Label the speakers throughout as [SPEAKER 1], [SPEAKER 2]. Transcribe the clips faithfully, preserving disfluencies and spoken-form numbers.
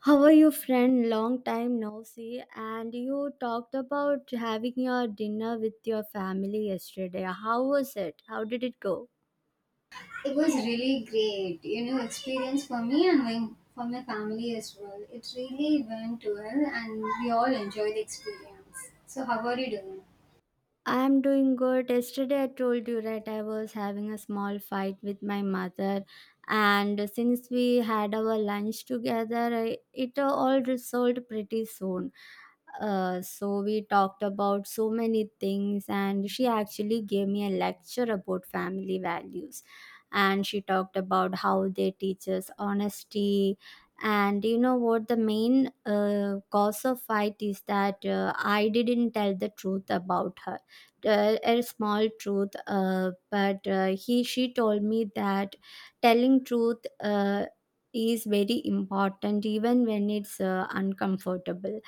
[SPEAKER 1] How are you, friend? Long time no see. And you talked about having your dinner with your family yesterday. How was it? How did it go?
[SPEAKER 2] It was really great, you know, experience for me and my, for my family as well. It really went well, and we all enjoyed the experience. So, how are you doing?
[SPEAKER 1] I'm doing good. Yesterday, I told you, right? I was having a small fight with my mother. And since we had our lunch together, I- it all resolved pretty soon. Uh, so we talked about so many things, and she actually gave me a lecture about family values. And she talked about how they teach us honesty. And you know what? The main uh, cause of fight is that uh, I didn't tell the truth about her. Uh, a small truth, uh, but uh, he she told me that telling truth uh, is very important, even when it's uh, uncomfortable.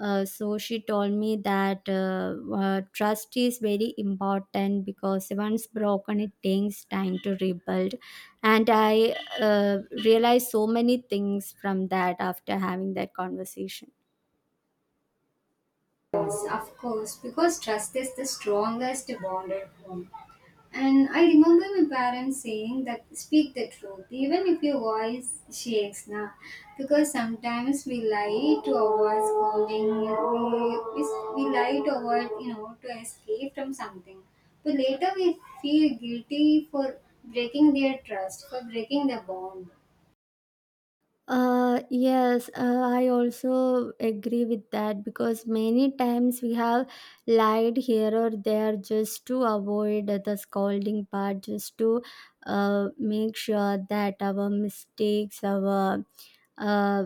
[SPEAKER 1] Uh, so she told me that uh, uh, trust is very important, because once broken, it takes time to rebuild. And I uh, realized so many things from that after having that conversation.
[SPEAKER 2] Yes, of course, because trust is the strongest bond at home. And I remember my parents saying that speak the truth, even if your voice shakes now. Because sometimes we lie to avoid scolding, we, we we lie to avoid, you know, to escape from something. But later we feel guilty for breaking their trust, for breaking their bond.
[SPEAKER 1] Uh, yes, uh, I also agree with that, because many times we have lied here or there just to avoid the scolding part, just to uh, make sure that our mistakes, our uh,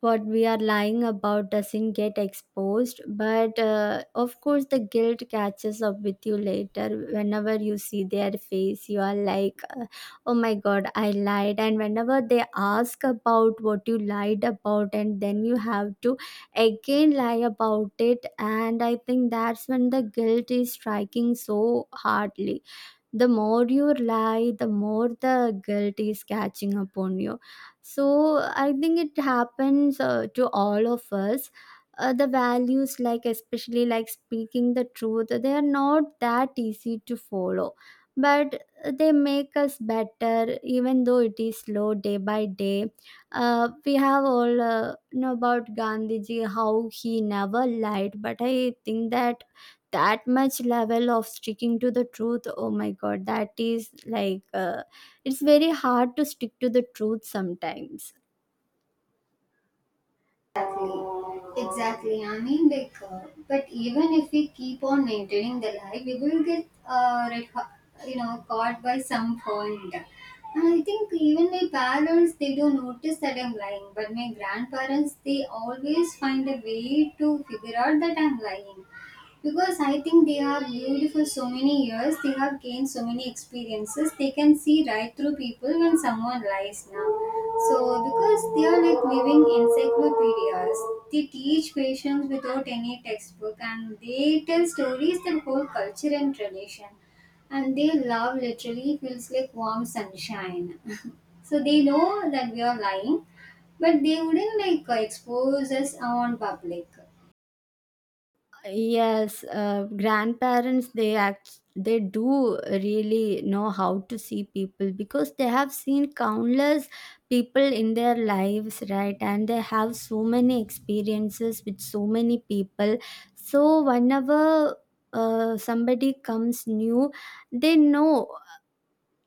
[SPEAKER 1] what we are lying about doesn't get exposed. But uh, of course, the guilt catches up with you later. Whenever you see their face, you are like, uh, oh my god, I lied. And whenever they ask about what you lied about, and then you have to again lie about it. And I think that's when the guilt is striking so hardly. The more you lie, the more the guilt is catching upon you. So I think it happens uh, to all of us. Uh, the values, like especially like speaking the truth, they are not that easy to follow, but they make us better, even though it is slow day by day. Uh, we have all uh, know about Gandhiji, how he never lied, but I think that that much level of sticking to the truth, oh my god, that is like, uh, it's very hard to stick to the truth sometimes.
[SPEAKER 2] Exactly. I mean, like, uh, but even if we keep on maintaining the lie, we will get, uh, red, ho- you know, caught by some point. And I think even my parents, they do notice that I'm lying. But my grandparents, they always find a way to figure out that I'm lying. Because I think they have lived for so many years, they have gained so many experiences, they can see right through people when someone lies now. So, because they are like living encyclopedias, they teach patients without any textbook and they tell stories that hold culture and tradition. And their love literally feels like warm sunshine. So, they know that we are lying, but they wouldn't like expose us on public.
[SPEAKER 1] Yes, uh, grandparents, they act they do really know how to see people, because they have seen countless people in their lives, right? And they have so many experiences with so many people. So whenever uh, somebody comes new, they know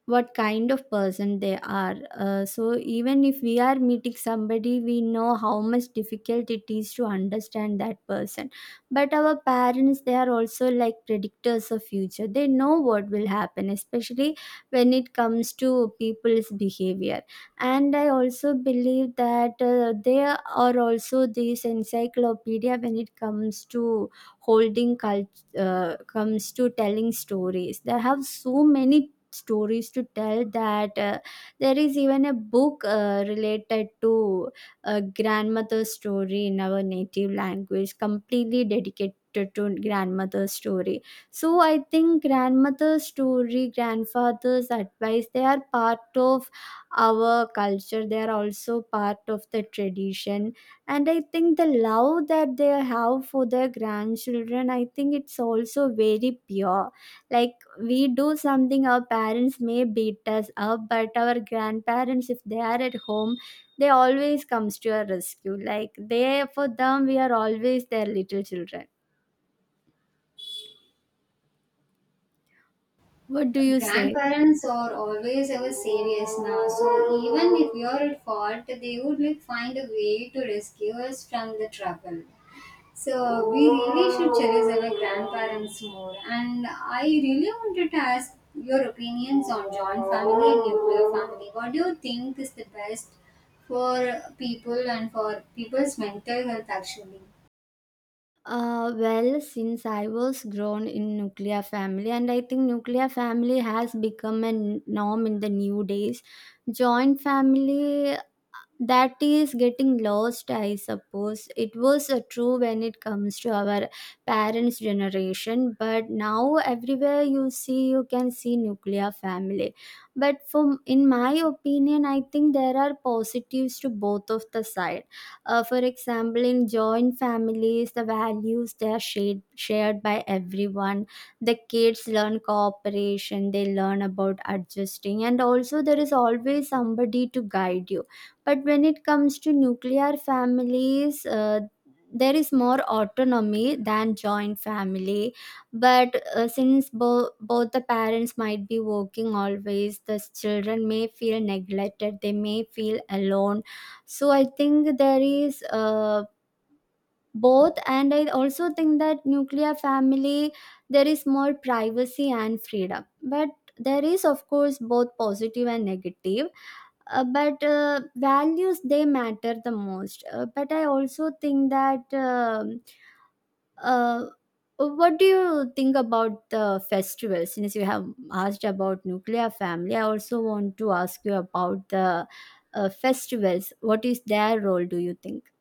[SPEAKER 1] what kind of person they are. Uh, so even if we are meeting somebody, we know how much difficult it is to understand that person. But our parents, they are also like predictors of future. They know what will happen, especially when it comes to people's behavior. And I also believe that uh, they are also this encyclopedia when it comes to holding cult uh, comes to telling stories. They have so many stories to tell that uh, there is even a book uh, related to a grandmother's story in our native language, completely dedicated to grandmother's story. So I think grandmother's story, grandfather's advice, they are part of our culture. They are also part of the tradition. And I think the love that they have for their grandchildren, I think it's also very pure. Like we do something, our parents may beat us up, but our grandparents, if they are at home, they always comes to our rescue. Like they, for them we are always their little children. What do you say?
[SPEAKER 2] Grandparents are always our saviors now, so even if we are at fault, they would like find a way to rescue us from the trouble. So we really should cherish our grandparents more. And I really wanted to ask your opinions on joint family and nuclear family. What do you think is the best for people and for people's mental health actually?
[SPEAKER 1] Uh, well, since I was grown in nuclear family, and I think nuclear family has become a n- norm in the new days. Joint family, uh, that is getting lost, I suppose. It was uh, true when it comes to our parents' generation, but now everywhere you see, you can see nuclear family. But from in my opinion, I think there are positives to both of the sides. Uh, for example, in joint families, the values they are shared shared by everyone. The kids learn cooperation. They learn about adjusting, and also there is always somebody to guide you. But when it comes to nuclear families, uh, there is more autonomy than joint family, but uh, since bo- both the parents might be working, always the children may feel neglected, they may feel alone. So I think there is uh, both, and I also think that nuclear family, there is more privacy and freedom, but there is of course both positive and negative. Uh, but uh, values they matter the most. Uh, but I also think that. um uh, what do you think about the festival? Since you have asked about nuclear family, I also want to ask you about the uh, festivals. What is their role, do you think?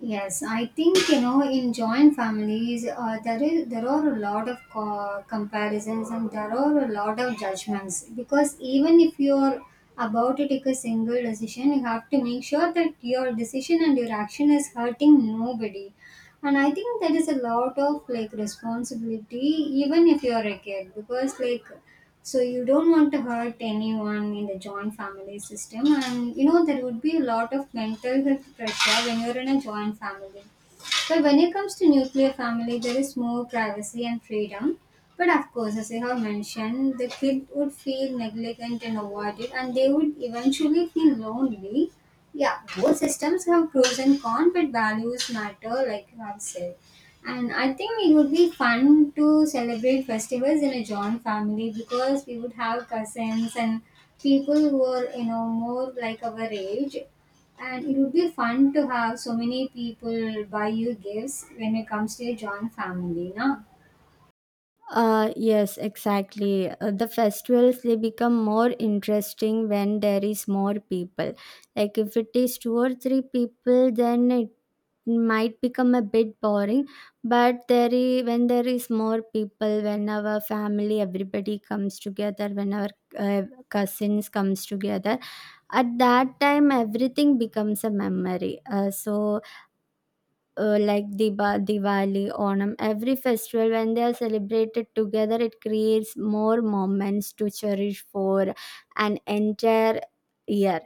[SPEAKER 2] Yes, I think you know in joint families uh, there is there are a lot of co- comparisons and there are a lot of judgments because even if you're about to take a single decision, you have to make sure that your decision and your action is hurting nobody. And I think there is a lot of like responsibility even if you're a kid because like so you don't want to hurt anyone in the joint family system, and you know there would be a lot of mental health pressure when you're in a joint family. But when it comes to nuclear family, there is more privacy and freedom, but of course, as I have mentioned, the kid would feel negligent and avoided, and they would eventually feel lonely. Yeah, both systems have pros and cons, but values matter, like you have said. And I think it would be fun to celebrate festivals in a joint family because we would have cousins and people who are, you know, more like our age. And it would be fun to have so many people buy you gifts when it comes to a joint family, no?
[SPEAKER 1] Uh, yes, exactly. Uh, the festivals, they become more interesting when there is more people. Like if it is two or three people, then it might become a bit boring. But there is, when there is more people, when our family, everybody comes together, when our uh, cousins comes together, at that time everything becomes a memory. Uh, so, uh, like Diba, Diwali, Onam, every festival when they are celebrated together, it creates more moments to cherish for an entire year.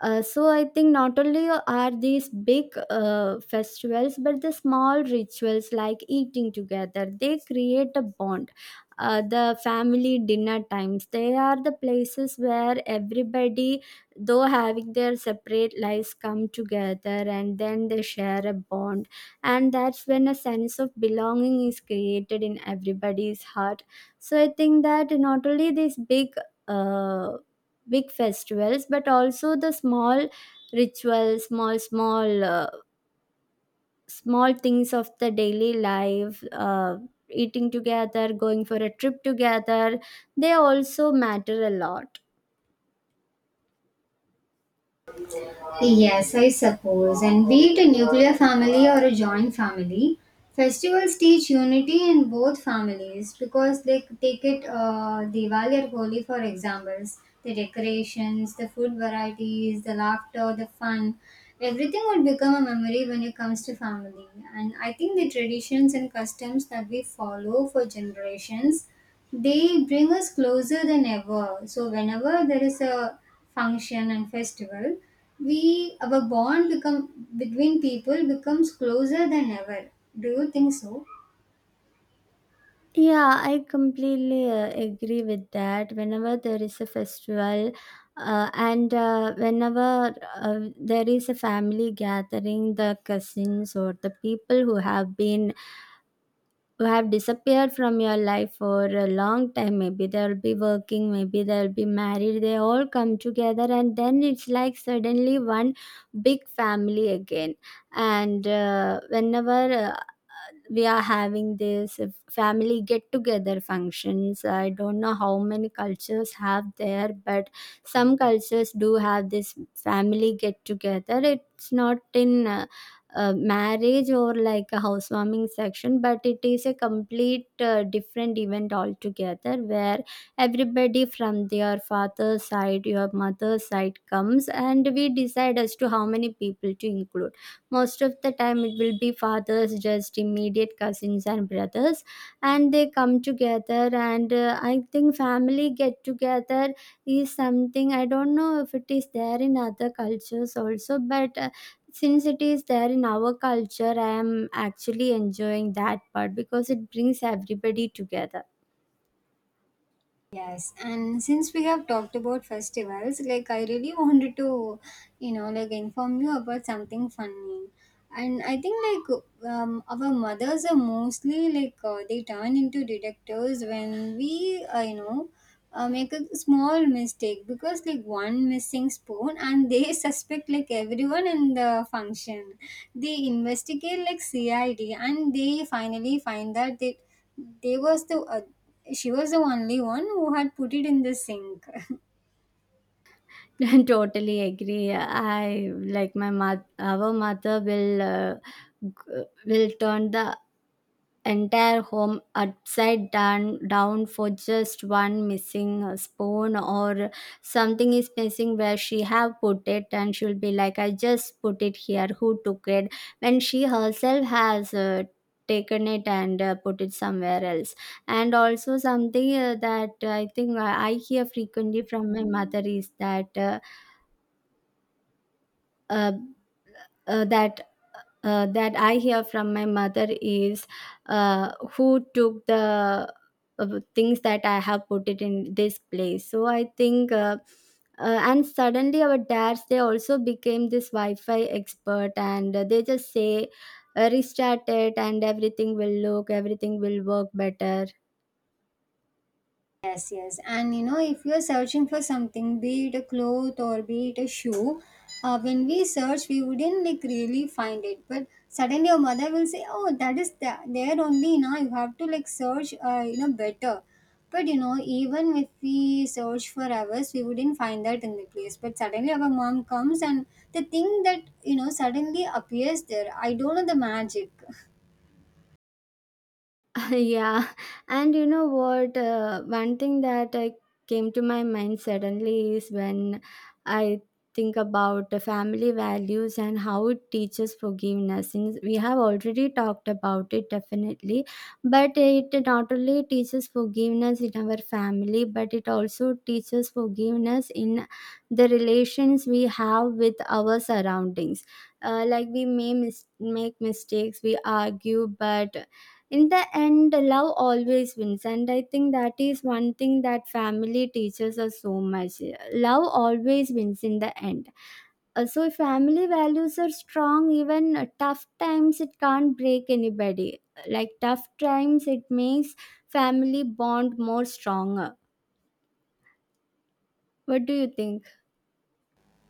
[SPEAKER 1] Uh, so I think not only are these big uh, festivals, but the small rituals like eating together, they create a bond. Uh, the family dinner times, they are the places where everybody, though having their separate lives, come together and then they share a bond. And that's when a sense of belonging is created in everybody's heart. So I think that not only these big uh, big festivals, but also the small rituals, small small uh, small things of the daily life, uh, eating together, going for a trip together, they also matter a lot.
[SPEAKER 2] Yes, I suppose. And be it a nuclear family or a joint family, festivals teach unity in both families because they take it, uh, Diwali or Holi for examples. The decorations, the food varieties, the laughter, the fun, everything would become a memory when it comes to family. And I think the traditions and customs that we follow for generations, they bring us closer than ever. So whenever there is a function and festival, we our bond become between people becomes closer than ever. Do you think so?
[SPEAKER 1] Yeah, I completely uh, agree with that. Whenever there is a festival, uh, and uh, whenever uh, there is a family gathering, the cousins, or the people who have been who have disappeared from your life for a long time, maybe they'll be working, maybe they'll be married, they all come together, and then it's like suddenly one big family again. And uh, whenever uh, we are having this uh, family get together functions, I don't know how many cultures have there, but some cultures do have this family get together. It's not in uh, uh, marriage or like a housewarming section, but it is a complete uh, different event altogether, where everybody from their father's side, your mother's side comes, and we decide as to how many people to include. Most of the time it will be fathers, just immediate cousins and brothers, and they come together. And uh, I think family get together is something, I don't know if it is there in other cultures also, but uh, since it is there in our culture, I am actually enjoying that part because it brings everybody together.
[SPEAKER 2] Yes, and since we have talked about festivals, like I really wanted to, you know, like inform you about something funny. And I think like um, our mothers are mostly like, uh, they turn into detectives when we, uh, you know, uh, make a small mistake because like one missing spoon, and they suspect like everyone in the function. They investigate like C I D, and they finally find that they they was the uh, she was the only one who had put it in the sink.
[SPEAKER 1] Totally agree. I, like, my mother our mother will uh, g- will turn the entire home upside down down for just one missing uh, spoon, or something is missing where she have put it, and she'll be like, I just put it here, who took it, when she herself has uh, taken it and uh, put it somewhere else. And also something uh, that I think i I hear frequently from my mother is that uh, uh, uh, that uh, that I hear from my mother is uh, who took the uh, things that I have put it in this place. So I think, uh, uh, and suddenly our dads, they also became this Wi-Fi expert, and uh, they just say uh, restart it, and everything will look, everything will work better.
[SPEAKER 2] Yes, yes. And you know, if you're searching for something, be it a cloth or be it a shoe, uh, when we search, we wouldn't like really find it. But suddenly your mother will say, "Oh, that is th- there only now. You have to like search, uh, you know, better." But you know, even if we search for hours, we wouldn't find that in the place. But suddenly our mom comes and the thing that, you know, suddenly appears there. I don't know the magic.
[SPEAKER 1] Yeah. And you know what? Uh, one thing that I came to my mind suddenly is, when I think about the family values and how it teaches forgiveness, since we have already talked about it definitely, but it not only teaches forgiveness in our family, but it also teaches forgiveness in the relations we have with our surroundings. Uh, like we may mis- make mistakes, we argue, but in the end love always wins, and I think that is one thing that family teaches us so much. Love always wins in the end. Uh, so if family values are strong, even uh, tough times, it can't break anybody. Like tough times, it makes family bond more stronger. What do you think?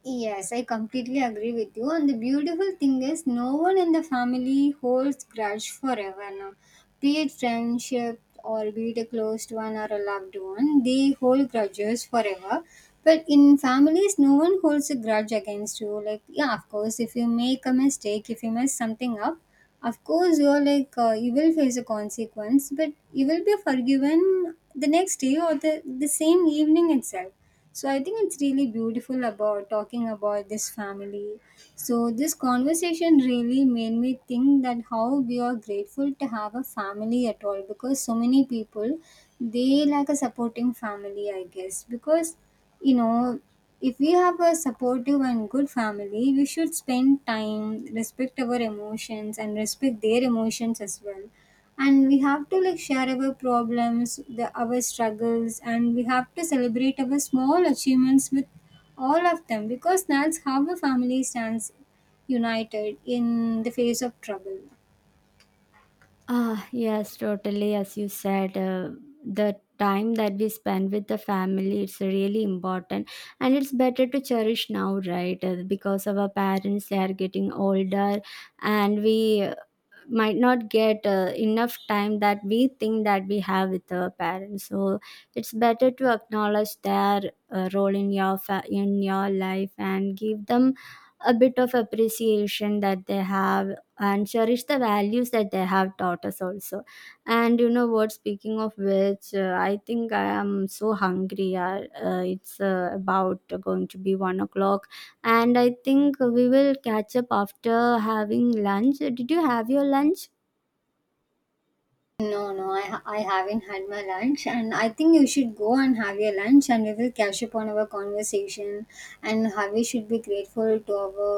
[SPEAKER 2] Yes, I completely agree with you. And the beautiful thing is, no one in the family holds grudge forever now. Be it friendship or be it a closed one or a loved one, they hold grudges forever. But in families, no one holds a grudge against you. Like, yeah, of course, if you make a mistake, if you mess something up, of course, you're like, uh, you will face a consequence, but you will be forgiven the next day or the, the same evening itself. So I think it's really beautiful about talking about this family. So this conversation really made me think that how we are grateful to have a family at all because so many people, they lack a supporting family, I guess. Because you know, if we have a supportive and good family, we should spend time, respect our emotions and respect their emotions as well, and we have to like share our problems, the our struggles, and we have to celebrate our small achievements with all of them because that's how a family stands united in the face of trouble.
[SPEAKER 1] Ah, yes, totally. As you said, uh, the time that we spend with the family, it's really important, and it's better to cherish now, right? Uh, because our parents, they are getting older, and we might not get uh, enough time that we think that we have with our parents. So it's better to acknowledge their uh, role in your fa- in your life, and give them a bit of appreciation that they have, and cherish the values that they have taught us also. And you know what? Speaking of which, uh, I think I am so hungry. Uh, uh, it's uh, about going to be one o'clock, and I think we will catch up after having lunch. Did you have your lunch?
[SPEAKER 2] No no i, ha- I haven't had my lunch, and I think you should go and have your lunch, and we will catch up on our conversation and how we should be grateful to our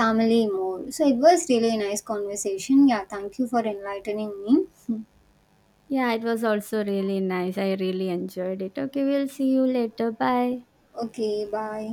[SPEAKER 2] family more. So it was really a nice conversation. Yeah, thank you for enlightening me.
[SPEAKER 1] Yeah, it was also really nice. I really enjoyed it. Okay, we'll see you later. Bye.
[SPEAKER 2] Okay, bye.